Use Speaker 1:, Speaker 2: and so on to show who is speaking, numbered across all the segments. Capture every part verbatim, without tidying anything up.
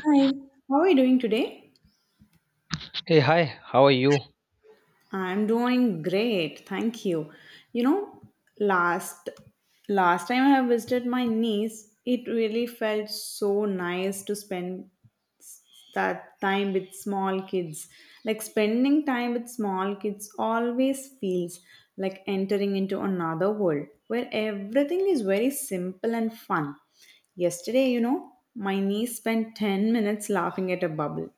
Speaker 1: Hi, how are you doing today?
Speaker 2: Hey, hi, how are you?
Speaker 1: I'm doing great, thank you. You know, last last time I visited my niece, it really felt so nice to spend that time with small kids. Like spending time with small kids always feels like entering into another world where everything is very simple and fun. Yesterday, you know, my niece spent ten minutes laughing at a bubble,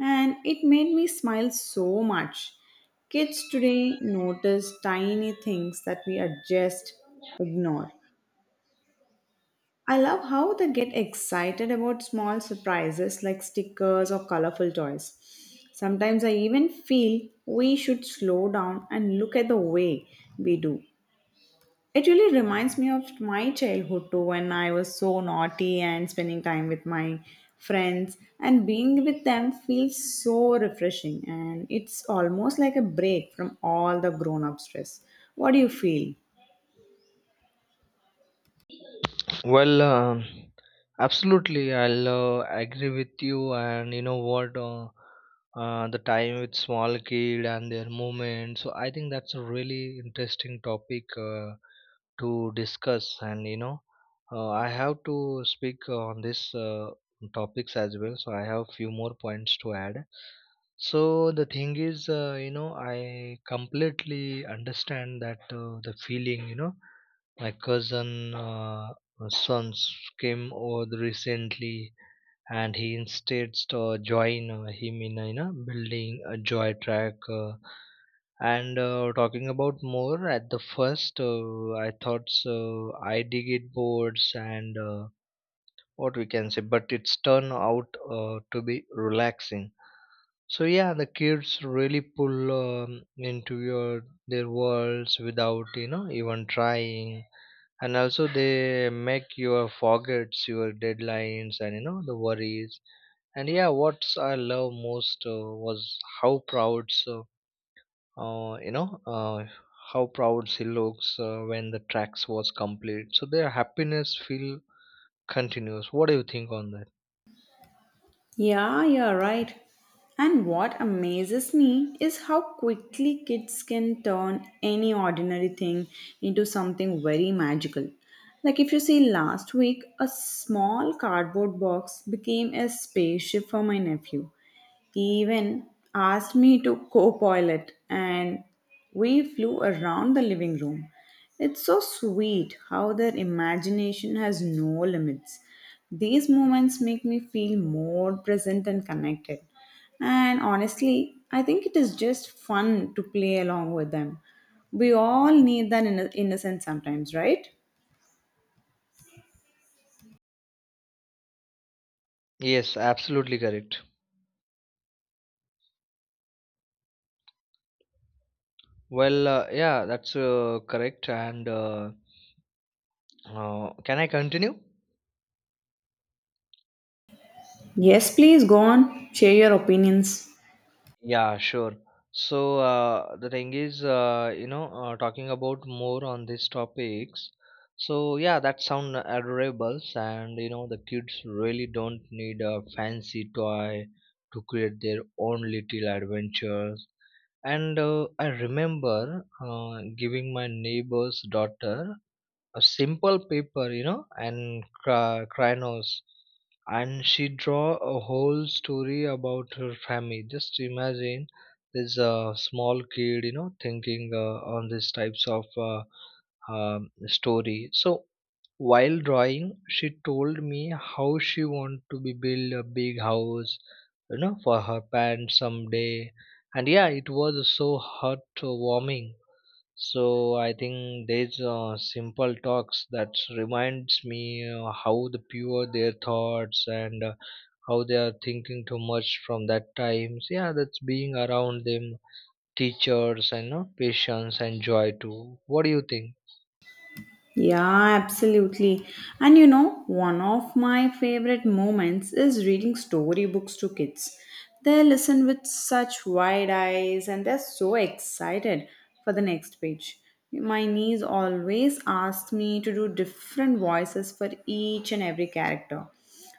Speaker 1: and it made me smile so much. Kids today notice tiny things that we are just ignore. I love how they get excited about small surprises like stickers or colorful toys. Sometimes I even feel we should slow down and look at the way we do. It really reminds me of my childhood too, when I was so naughty, and spending time with my friends and being with them feels so refreshing, and it's almost like a break from all the grown up stress. What do you feel?
Speaker 2: Well, um, absolutely, I'll uh, agree with you. And you know what? Uh, uh, the time with small kid and their movement. So I think that's a really interesting topic uh, to discuss. And you know, uh, I have to speak on this uh, topics as well. So I have few more points to add. So the thing is, uh, you know, I completely understand that uh, the feeling, you know, my cousin. Uh, sons came over recently and he instead uh, join uh, him in uh, you know, building a joy track uh, and uh, talking about more at the first uh, I thought so, I dig it boards and uh, what we can say, but it's turned out uh, to be relaxing. So yeah, the kids really pull um, into your their worlds without you know even trying, and also they make your forgets your deadlines and you know the worries. And yeah, what I love most uh, was how proud so uh, you know uh, how proud she looks uh, when the tracks was complete, so their happiness feel continuous. What do you think on that?
Speaker 1: Yeah, you're right. And what amazes me is how quickly kids can turn any ordinary thing into something very magical. Like if you see last week, a small cardboard box became a spaceship for my nephew. He even asked me to co-pilot it, and we flew around the living room. It's so sweet how their imagination has no limits. These moments make me feel more present and connected. And honestly, I think it is just fun to play along with them. We all need that inno- innocence sometimes, right?
Speaker 2: Yes, absolutely correct. Well, uh, yeah, that's uh, correct, and uh, uh, can I continue?
Speaker 1: Yes, please go on. Share your opinions.
Speaker 2: Yeah, sure. So uh, the thing is, uh, you know, uh, talking about more on these topics. So yeah, that sound adorable, and you know, the kids really don't need a fancy toy to create their own little adventures. And uh, I remember uh, giving my neighbor's daughter a simple paper, you know, and cra- crayon, and she draw a whole story about her family. Just imagine this uh, small kid, you know, thinking uh, on these types of uh, um, story. So while drawing, she told me how she want to be build a big house, you know, for her parents someday. And yeah, it was so heartwarming, so I think these uh, simple talks that reminds me uh, how the pure their thoughts and uh, how they are thinking too much from that times. Yeah, that's being around them, teachers and uh, patience and joy too. What do you think?
Speaker 1: Yeah, absolutely. And you know, one of my favorite moments is reading storybooks to kids. They listen with such wide eyes and they're so excited for the next page. My niece always asks me to do different voices for each and every character.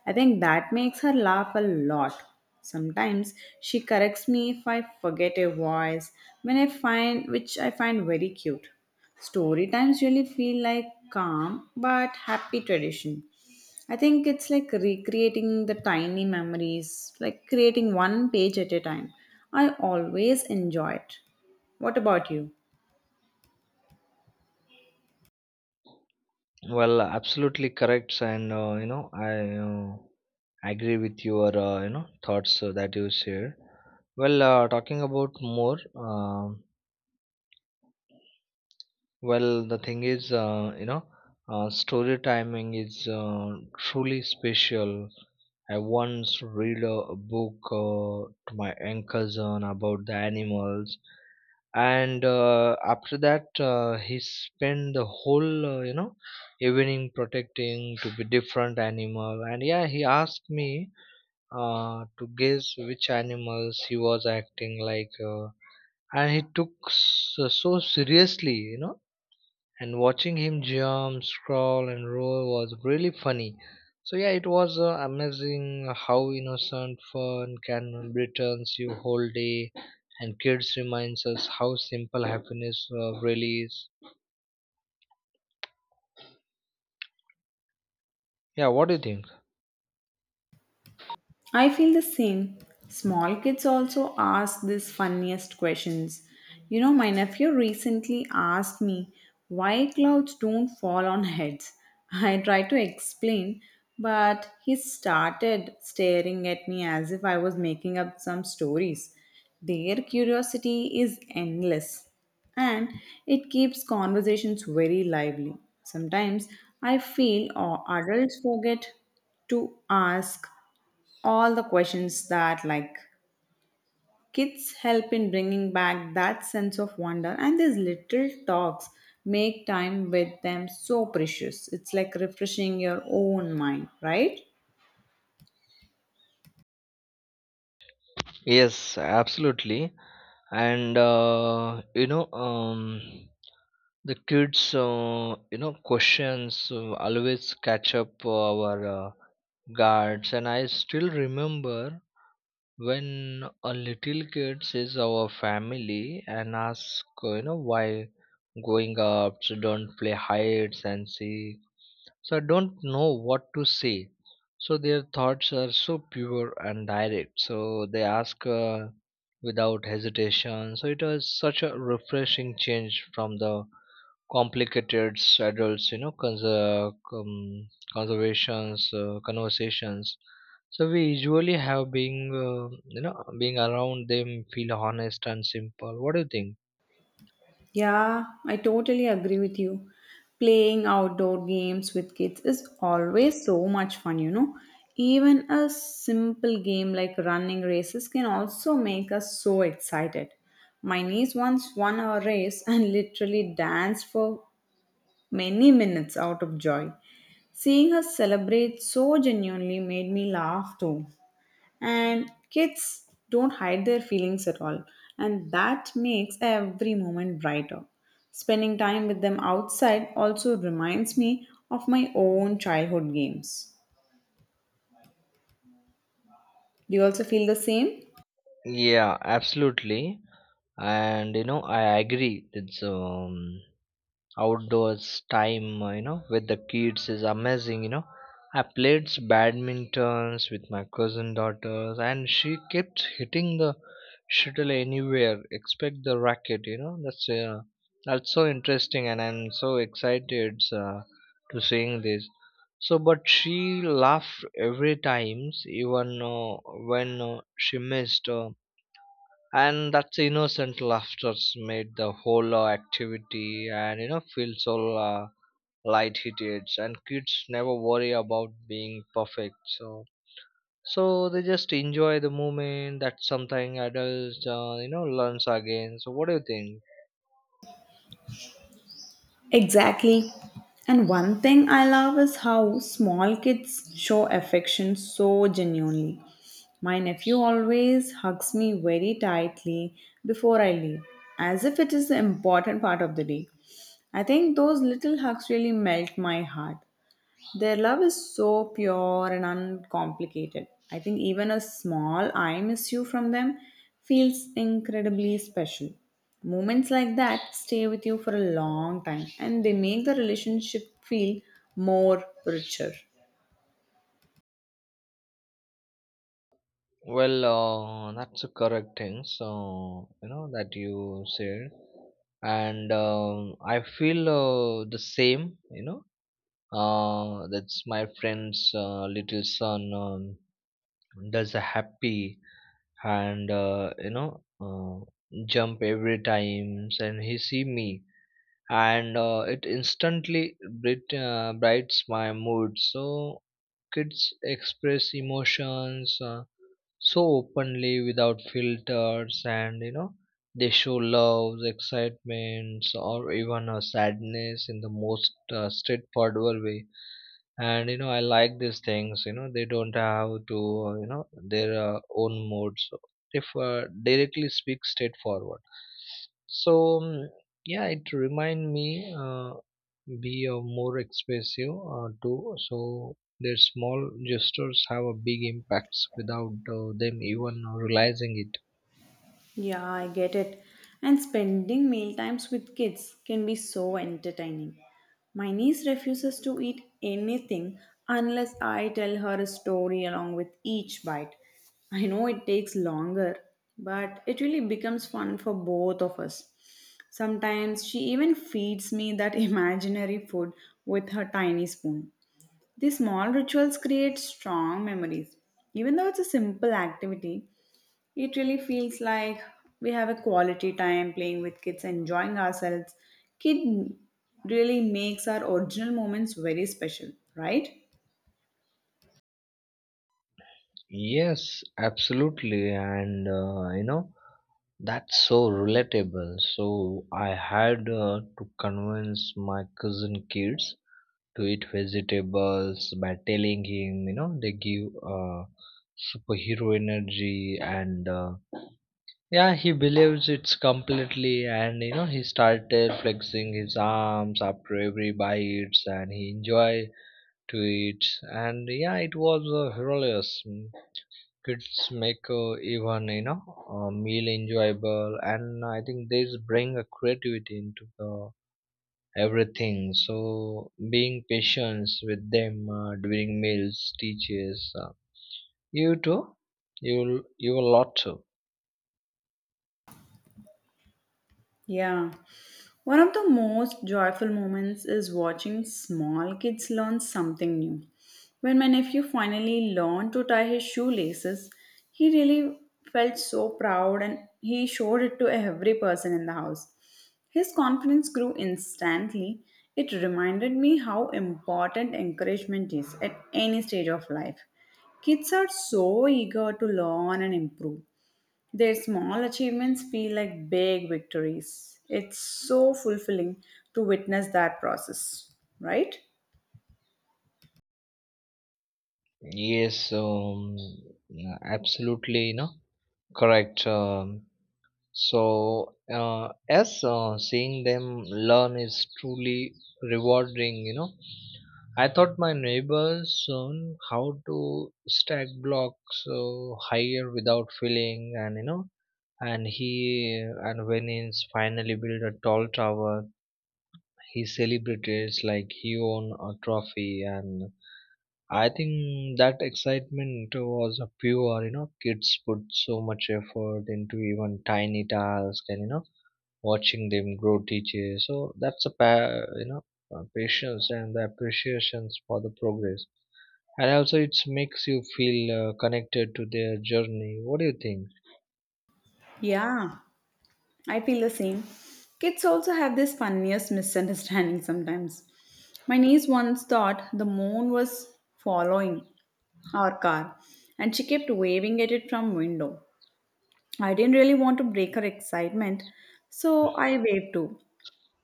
Speaker 1: I think that makes her laugh a lot. Sometimes she corrects me if I forget a voice, when I find which I find very cute. Story times really feel like calm but happy tradition. I think it's like recreating the tiny memories, like creating one page at a time. I always enjoy it. What about you?
Speaker 2: Well, absolutely correct, and uh, you know I uh, agree with your uh, you know thoughts uh, that you share. Well, uh, talking about more. um Well, the thing is, uh, you know, uh, story timing is uh, truly special. I once read a, a book uh, to my young cousin about the animals, and uh, after that, uh, he spent the whole, uh, you know, evening protecting to be different animal. And yeah, he asked me uh, to guess which animals he was acting like, uh, and he took s- so seriously, you know, and watching him jump, scroll, and roll was really funny. So yeah, it was uh, amazing how innocent fun can returns you whole day, and kids reminds us how simple happiness uh, really is. Yeah, what do you think?
Speaker 1: I feel the same. Small kids also ask these funniest questions. You know, my nephew recently asked me why clouds don't fall on heads. I tried to explain, but he started staring at me as if I was making up some stories. Their curiosity is endless, and it keeps conversations very lively. Sometimes I feel or adults forget to ask all the questions that, like, kids help in bringing back that sense of wonder, and these little talks make time with them so precious. It's like refreshing your own mind, right?
Speaker 2: Yes, absolutely. And uh, you know, um, the kids, uh, you know, questions uh, always catch up our uh, guards, and I still remember when a little kid sees our family and asks, "Oh, you know, why going up so don't play hide and seek." So I don't know what to say. So their thoughts are so pure and direct. So they ask uh, without hesitation. So it was such a refreshing change from the complicated adults you know cons- uh, com- conservations uh, conversations so we usually have being uh, you know being around them feel honest and simple. What do you think?
Speaker 1: Yeah, I totally agree with you. Playing outdoor games with kids is always so much fun, you know. Even a simple game like running races can also make us so excited. My niece once won a race and literally danced for many minutes out of joy. Seeing her celebrate so genuinely made me laugh too. And kids don't hide their feelings at all, and that makes every moment brighter. Spending time with them outside also reminds me of my own childhood games. Do you also feel the same?
Speaker 2: Yeah, absolutely. And you know I agree. It's um outdoors time uh, you know with the kids is amazing, you know. I played badmintons with my cousin daughters and she kept hitting the shuttle anywhere except the racket, you know. That's uh, that's so interesting and I'm so excited uh, to seeing this. So but she laughed every times even uh, when uh, she missed, uh, and that innocent laughter's made the whole uh, activity and you know feel so uh, light-hearted, and kids never worry about being perfect, so so they just enjoy the moment. That's something adults uh, you know learns again. So what do you think?
Speaker 1: Exactly. And one thing I love is how small kids show affection so genuinely. My nephew always hugs me very tightly before I leave, as if it is the important part of the day. I think those little hugs really melt my heart. Their love is so pure and uncomplicated. I think even a small I miss you from them feels incredibly special. Moments like that stay with you for a long time, and they make the relationship feel more richer.
Speaker 2: Well, uh, that's a correct thing so you know that you said, and um, I feel uh, the same, you know. Uh, that's my friend's uh, little son um, does a happy and uh, you know uh, jump every time and he see me, and uh, it instantly bright uh, brightens my mood. So kids express emotions uh, so openly without filters, and you know they show love, excitements, or even a sadness in the most uh, straightforward way. And you know I like these things, you know they don't have to, you know, their uh, own modes. So if uh, directly speak straightforward. So mm, yeah, it remind me uh, be uh, more expressive uh, too. So their small gestures have a big impacts without uh, them even realizing it.
Speaker 1: Yeah, I get it. And spending meal times with kids can be so entertaining. My niece refuses to eat anything unless I tell her a story along with each bite. I know it takes longer, but it really becomes fun for both of us. Sometimes she even feeds me that imaginary food with her tiny spoon. These small rituals create strong memories. Even though it's a simple activity, it really feels like we have a quality time playing with kids, enjoying ourselves. Kid really makes our original moments very special, right?
Speaker 2: Yes, absolutely. And uh, you know, that's so relatable. So I had uh, to convince my cousin kids to eat vegetables by telling him, you know, they give uh, superhero energy, and uh, yeah, he believes it's completely, and you know, he started flexing his arms after every bites and he enjoy to it. And yeah, it was uh, hilarious. Kids make uh, even you know a meal enjoyable, and I think this bring a creativity into the everything. So being patient with them uh, during meals teaches uh, you too, you you a lot too.
Speaker 1: Yeah. One of the most joyful moments is watching small kids learn something new. When my nephew finally learned to tie his shoelaces, he really felt so proud, and he showed it to every person in the house. His confidence grew instantly. It reminded me how important encouragement is at any stage of life. Kids are so eager to learn and improve. Their small achievements feel like big victories. It's so fulfilling to witness that process, right?
Speaker 2: Yes, um, absolutely, you know, correct. um, So, uh, as uh, seeing them learn is truly rewarding, you know. I taught my neighbors on how to stack blocks uh, higher without feeling, and you know, and he and when he's finally built a tall tower, he celebrated like he won a trophy, and I think that excitement was a pure, you know, kids put so much effort into even tiny task, and you know watching them grow teacher, so that's a pa- you know uh, patience and the appreciations for the progress, and also it makes you feel uh, connected to their journey. What do you think?
Speaker 1: Yeah, I feel the same. Kids also have this funniest misunderstanding sometimes. My niece once thought the moon was following our car, and she kept waving at it from window. I didn't really want to break her excitement, so I waved too.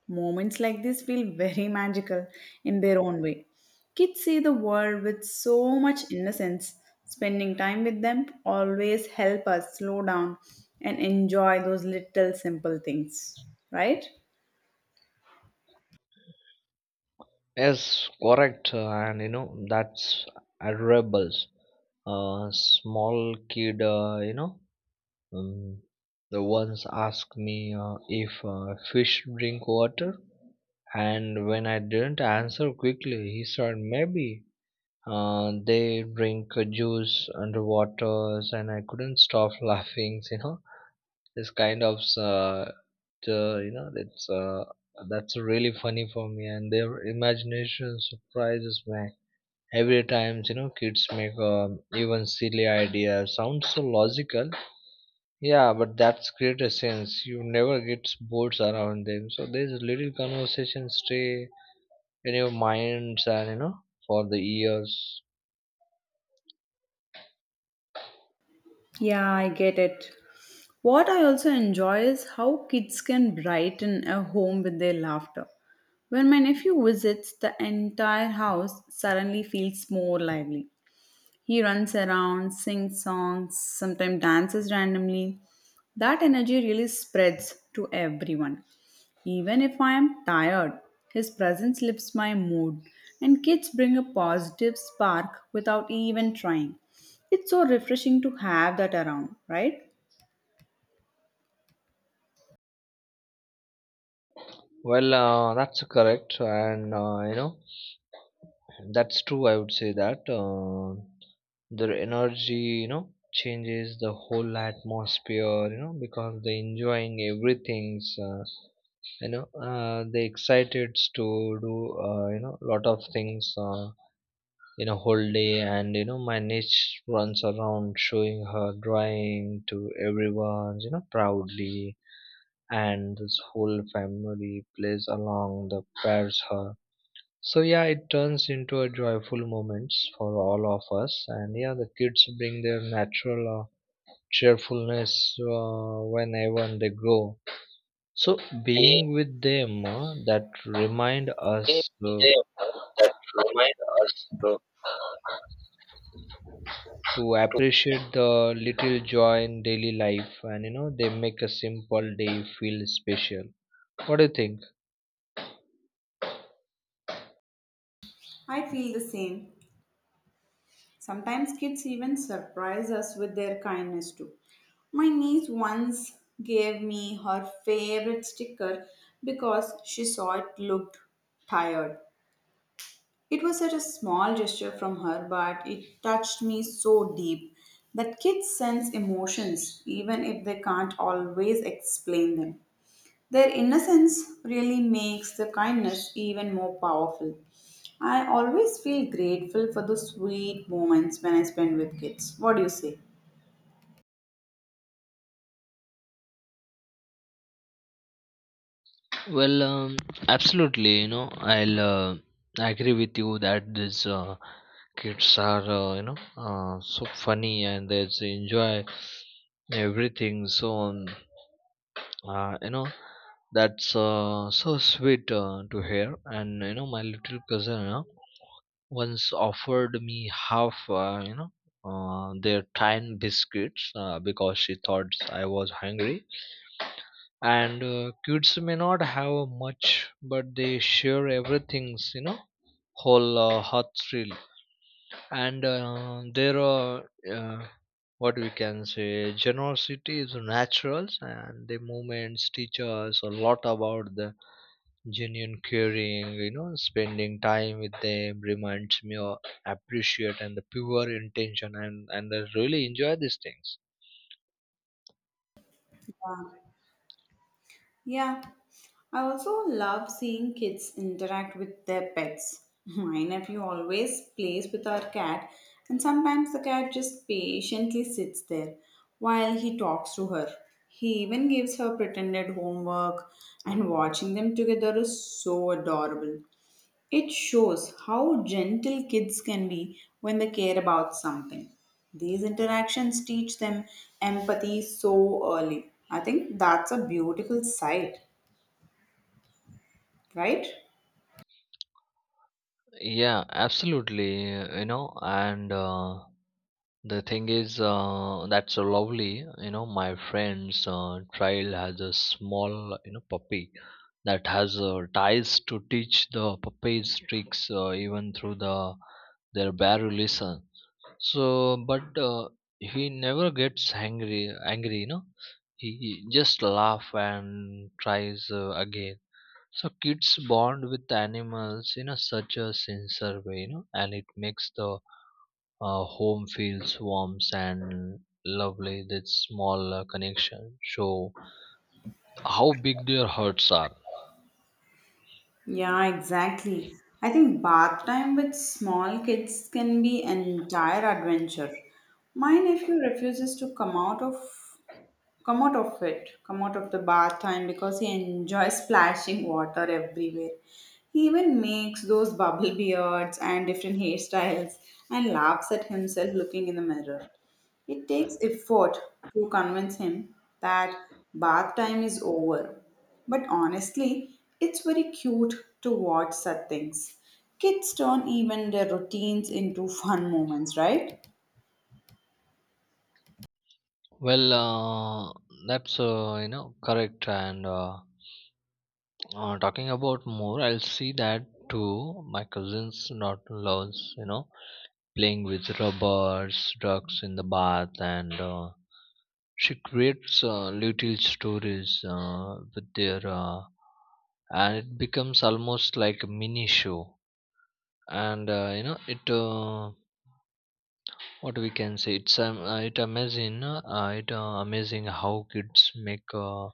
Speaker 1: Moments like this feel very magical in their own way. Kids see the world with so much innocence. Spending time with them always help us slow down and enjoy those little simple things, right?
Speaker 2: Yes, correct. Uh, and you know, that's admirable uh, small kid, uh, you know um, the once asked me uh, if uh, fish drink water, and when I didn't answer quickly, he said maybe uh, they drink uh, juice underwater and I couldn't stop laughing, you know. This kind of uh, the- you know it's uh, that's really funny for me, and their imagination surprises me every time, you know. Kids make um, even silly ideas sounds so logical. Yeah, but that's create a sense you never get bored around them, so these little conversations stay in your minds, and you know, for the years.
Speaker 1: Yeah, I get it. What I also enjoy is how kids can brighten a home with their laughter. When my nephew visits, the entire house suddenly feels more lively. He runs around, sings songs, sometimes dances randomly. That energy really spreads to everyone. Even if I am tired, his presence lifts my mood, and kids bring a positive spark without even trying. It's so refreshing to have that around, right?
Speaker 2: Well, uh, that's correct, and uh, you know that's true. I would say that uh, their energy, you know, changes the whole atmosphere, you know, because they enjoying everything's. Uh, you know, uh, they excited to do uh, you know lot of things uh, in a whole day, and you know my niece runs around showing her drawing to everyone, you know, proudly. And this whole family plays along the pairs her. So yeah, it turns into a joyful moments for all of us, and yeah, the kids bring their natural uh, cheerfulness uh, whenever they grow. So being with them, uh, that remind us uh, to appreciate the little joy in daily life, and you know they make a simple day feel special. What do you think?
Speaker 1: I feel the same. Sometimes kids even surprise us with their kindness too. My niece once gave me her favorite sticker because she saw it looked tired. It was such a small gesture from her, but it touched me so deep that kids sense emotions even if they can't always explain them. Their innocence really makes the kindness even more powerful. I always feel grateful for the sweet moments when I spend with kids. What do you say?
Speaker 2: Well, um, absolutely. You know, I'll uh, agree with you that these uh, kids are, uh, you know, uh, so funny and they s- enjoy everything. So, um, uh, you know, that's uh, so sweet uh, to hear. And you know, my little cousin, you know, once offered me half, uh, you know, uh, their time biscuits uh, because she thought I was hungry, and uh, kids may not have much but they share everything's, you know, whole uh, heart thrill. And uh, there are, uh, what we can say, generosity is natural and the moments teach us a lot about the genuine caring, you know. Spending time with them reminds me of appreciate and the pure intention, and and I really enjoy these things.
Speaker 1: Yeah, I also love seeing kids interact with their pets. My nephew always plays with our cat, and sometimes the cat just patiently sits there while he talks to her. He even gives her pretended homework, and watching them together is so adorable. It shows how gentle kids can be when they care about something. These interactions teach them empathy so early. I think that's a beautiful sight, right?
Speaker 2: Yeah, absolutely, you know. And uh, the thing is, uh, that's so lovely, you know. My friend's uh, child has a small, you know, puppy that has uh, ties to teach the puppies tricks uh, even through the their bare listen. So, but uh, he never gets angry. Angry, you know, he just laugh and tries uh, again. So kids bond with animals in a such a sincere way, you know, and it makes the uh, home feels warm and lovely. That small uh, connection show how big their hearts are.
Speaker 1: Yeah, exactly. I think bath time with small kids can be an entire adventure. My nephew refuses to come out of come out of it, come out of the bath, and because he enjoys splashing water everywhere. He even makes those bubble beards and different hairstyles, and laughs at himself looking in the mirror. It takes effort to convince him that bath time is over. But honestly, it's very cute to watch such things. Kids turn even their routines into fun moments, right?
Speaker 2: Well, uh, that's uh, you know correct. And uh, uh, Talking about more, I'll see that too. My cousins not loves you know playing with rubbers, ducks in the bath, and uh, she creates uh, little stories uh, with their uh, and it becomes almost like a mini show and uh, you know it uh, what we can say it's um, uh, it amazing uh, uh, it uh, amazing how kids make uh,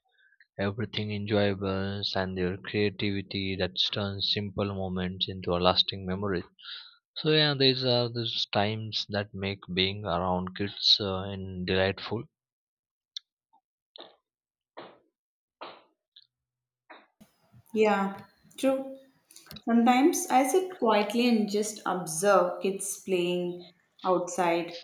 Speaker 2: everything enjoyable, and their creativity that turns simple moments into a lasting memory. So yeah, these are those times that make being around kids uh, and delightful.
Speaker 1: Yeah, true. Sometimes I sit quietly and just observe kids playing outside.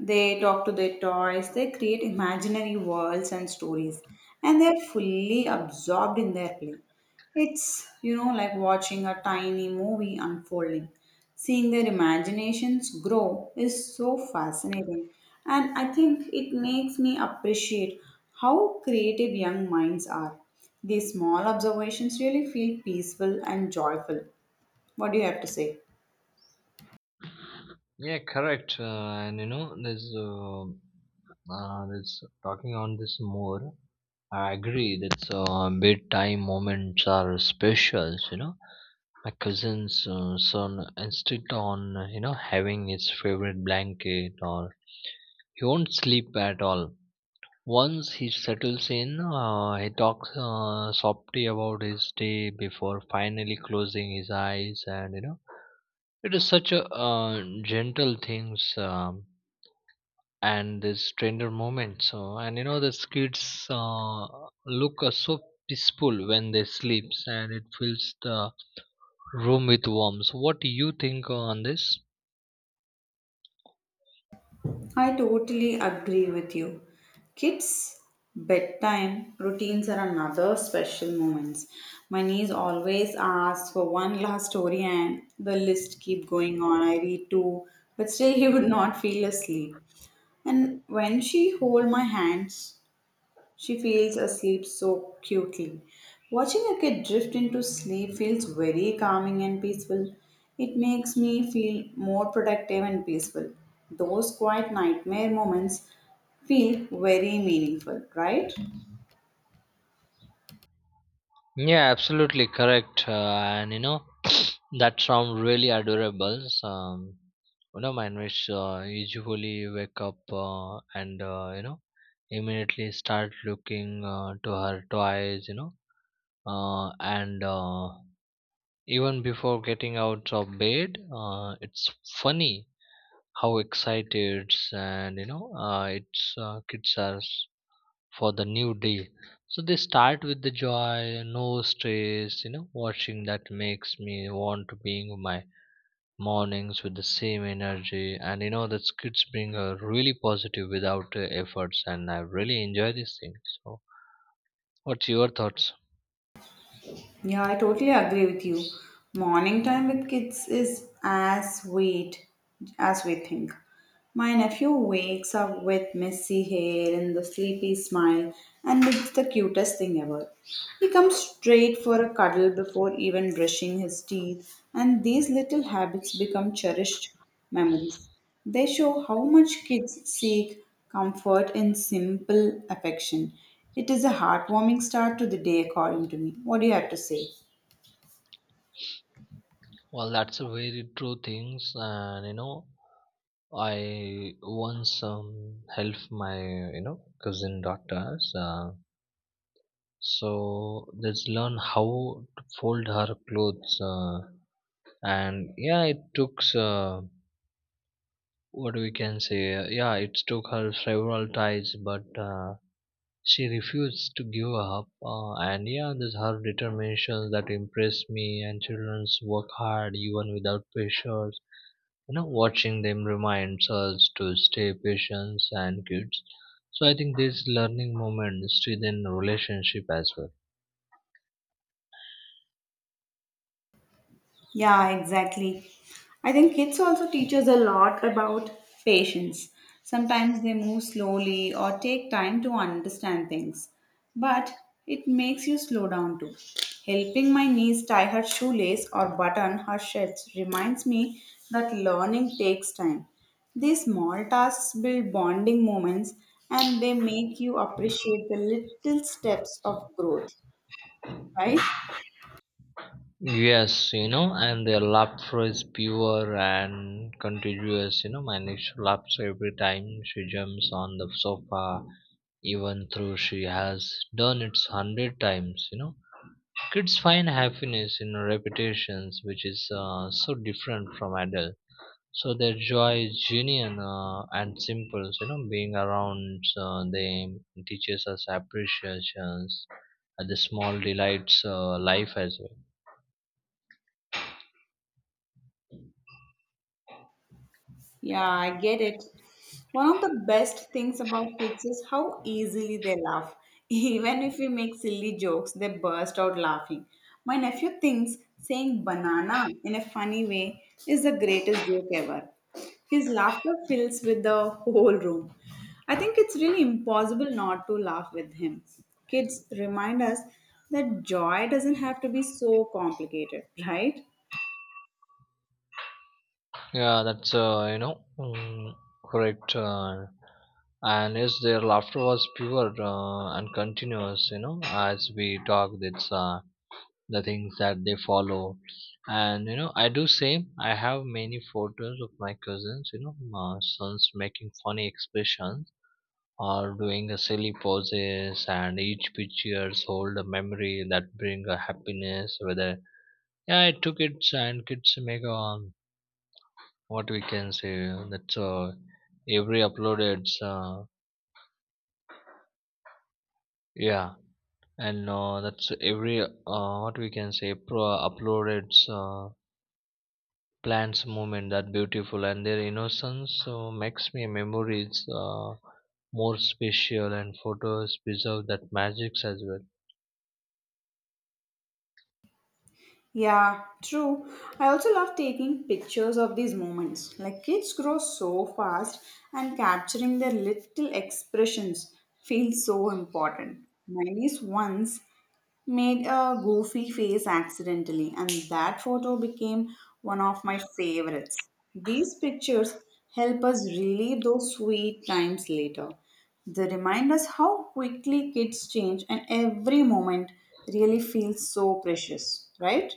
Speaker 1: They talk to their toys, they create imaginary worlds and stories, and they're fully absorbed in their play. It's, you know, like watching a tiny movie unfolding. Seeing their imaginations grow is so fascinating, and I think it makes me appreciate how creative young minds are. These small observations really feel peaceful and joyful. What do you have to say?
Speaker 2: Yeah, correct. Uh, and you know there's uh, uh, There's talking on this more. I agree that uh, bedtime moments are special, you know. My cousin's uh, son insisted on, uh, you know having his favorite blanket, or he won't sleep at all. Once he settles in, uh, he talks uh, softly about his day before finally closing his eyes, and you know it is such a uh, gentle things, um, and this tender moment. So, and you know, the kids uh, look uh, so peaceful when they sleeps, and it fills the room with warmth. So what do you think on this?
Speaker 1: I totally agree with you. Kids' bedtime routines are another special moments. My niece always asks for one last story, and the list keep going on. I read two, but still he would not feel asleep. And when she hold my hands, she feels asleep so cutely. Watching a kid drift into sleep feels very calming and peaceful. It makes me feel more protective and peaceful. Those quiet nightmare moments feel very meaningful, right?
Speaker 2: Yeah, absolutely correct. Uh, and you know, that sound really adorable. So, um, you know, mine which uh, usually wake up uh, and uh, you know, immediately start looking uh, to her toys. You know, uh, and uh, even before getting out of bed, uh, it's funny how excited, and you know, uh, it's uh, kids are for the new day. So they start with the joy, no stress, you know, watching that makes me want to being my mornings with the same energy. And you know, the kids bring a really positive without uh, efforts. And I really enjoy this thing. So what's your thoughts?
Speaker 1: Yeah, I totally agree with you. Morning time with kids is as sweet as we think. My nephew wakes up with messy hair and the sleepy smile, and it's the cutest thing ever. He comes straight for a cuddle before even brushing his teeth, and these little habits become cherished memories. They show how much kids seek comfort in simple affection. It is a heartwarming start to the day, according to me. What do you have to say?
Speaker 2: Well, that's a very true things. And you know, I once um, helped my, you know, cousin daughters. Uh, so let's learn how to fold her clothes. Uh, and yeah, it took uh, what we can say uh, yeah, it took her several tries, but uh, she refused to give up, uh, and yeah, this her determination that impressed me, and children's work hard even without pressures. You know, watching them reminds us to stay patient and kids. So I think these learning moments strengthen relationship as well.
Speaker 1: Yeah, exactly. I think kids also teach us a lot about patience. Sometimes they move slowly or take time to understand things, but it makes you slow down too. Helping my niece tie her shoelace or button her shirts reminds me that learning takes time. These small tasks build bonding moments, and they make you appreciate the little steps of growth, right?
Speaker 2: Yes, you know, and their laughter is pure and continuous. You know, my niece laughs every time she jumps on the sofa, even though she has done it hundred times. You know, kids find happiness in repetitions, which is uh, so different from adults. So their joy is genuine uh, and simple. You know, being around uh, them teaches us appreciations at the small delights uh, life as well.
Speaker 1: Yeah, I get it. One of the best things about kids is how easily they laugh. Even if we make silly jokes, they burst out laughing. My nephew thinks saying banana in a funny way is the greatest joke ever. His laughter fills with the whole room. I think it's really impossible not to laugh with him. Kids remind us that joy doesn't have to be so complicated, right?
Speaker 2: Yeah, that's uh, you know mm, correct. Uh, and yes, their laughter was pure uh, and continuous. You know, as we talk, it's uh, the things that they follow. And you know, I do same. I have many photos of my cousins. You know, my sons making funny expressions or doing a silly poses, and each pictures hold a memory that bring a happiness. Whether yeah, it took kids and kids make a what we can say that's uh, every uploaded, uh, yeah and uh, that's every uh, what we can say pro uploaded uh, plants movement that beautiful, and their innocence so makes me memories uh, more special, and photos preserve that magics as well.
Speaker 1: Yeah, true. I also love taking pictures of these moments. Like kids grow so fast, and capturing their little expressions feels so important. My niece once made a goofy face accidentally, and that photo became one of my favorites. These pictures help us relive those sweet times later. They remind us how quickly kids change, and every moment really feels so precious, right?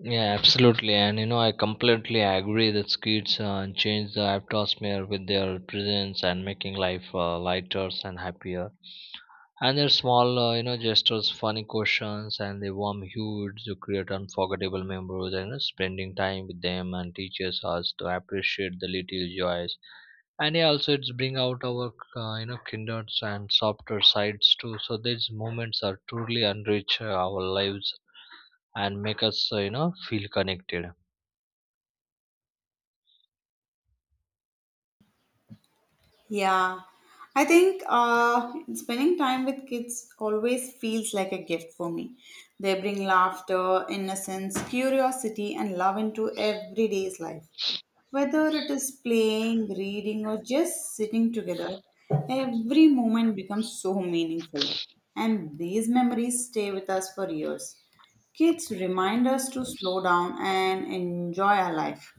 Speaker 2: Yeah, absolutely. And you know, I completely agree that kids uh, change the atmosphere with their presence and making life uh, lighter and happier, and their small, uh, you know gestures, funny questions, and the warm hues to create unforgettable memories. And you know, spending time with them and teaches us to appreciate the little joys. And yeah, also it's bring out our, uh, you know kinder and softer sides too. So these moments are truly enrich uh, our lives and make us, uh, you know feel connected.
Speaker 1: Yeah, I think uh, spending time with kids always feels like a gift for me. They bring laughter, innocence, curiosity, and love into everyday's life. Whether it is playing, reading, or just sitting together, every moment becomes so meaningful. And these memories stay with us for years. Kids remind us to slow down and enjoy our life.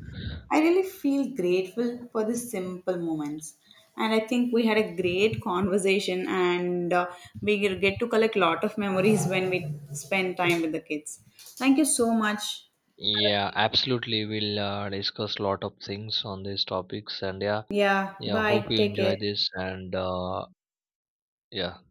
Speaker 1: I really feel grateful for these simple moments. And I think we had a great conversation, and uh, we will get to collect lot of memories when we spend time with the kids. Thank you so much.
Speaker 2: Yeah, absolutely, we'll uh, discuss lot of things on these topics. And yeah,
Speaker 1: Yeah,
Speaker 2: yeah, hope
Speaker 1: bye.
Speaker 2: you
Speaker 1: Take
Speaker 2: enjoy
Speaker 1: care.
Speaker 2: this. And uh, yeah.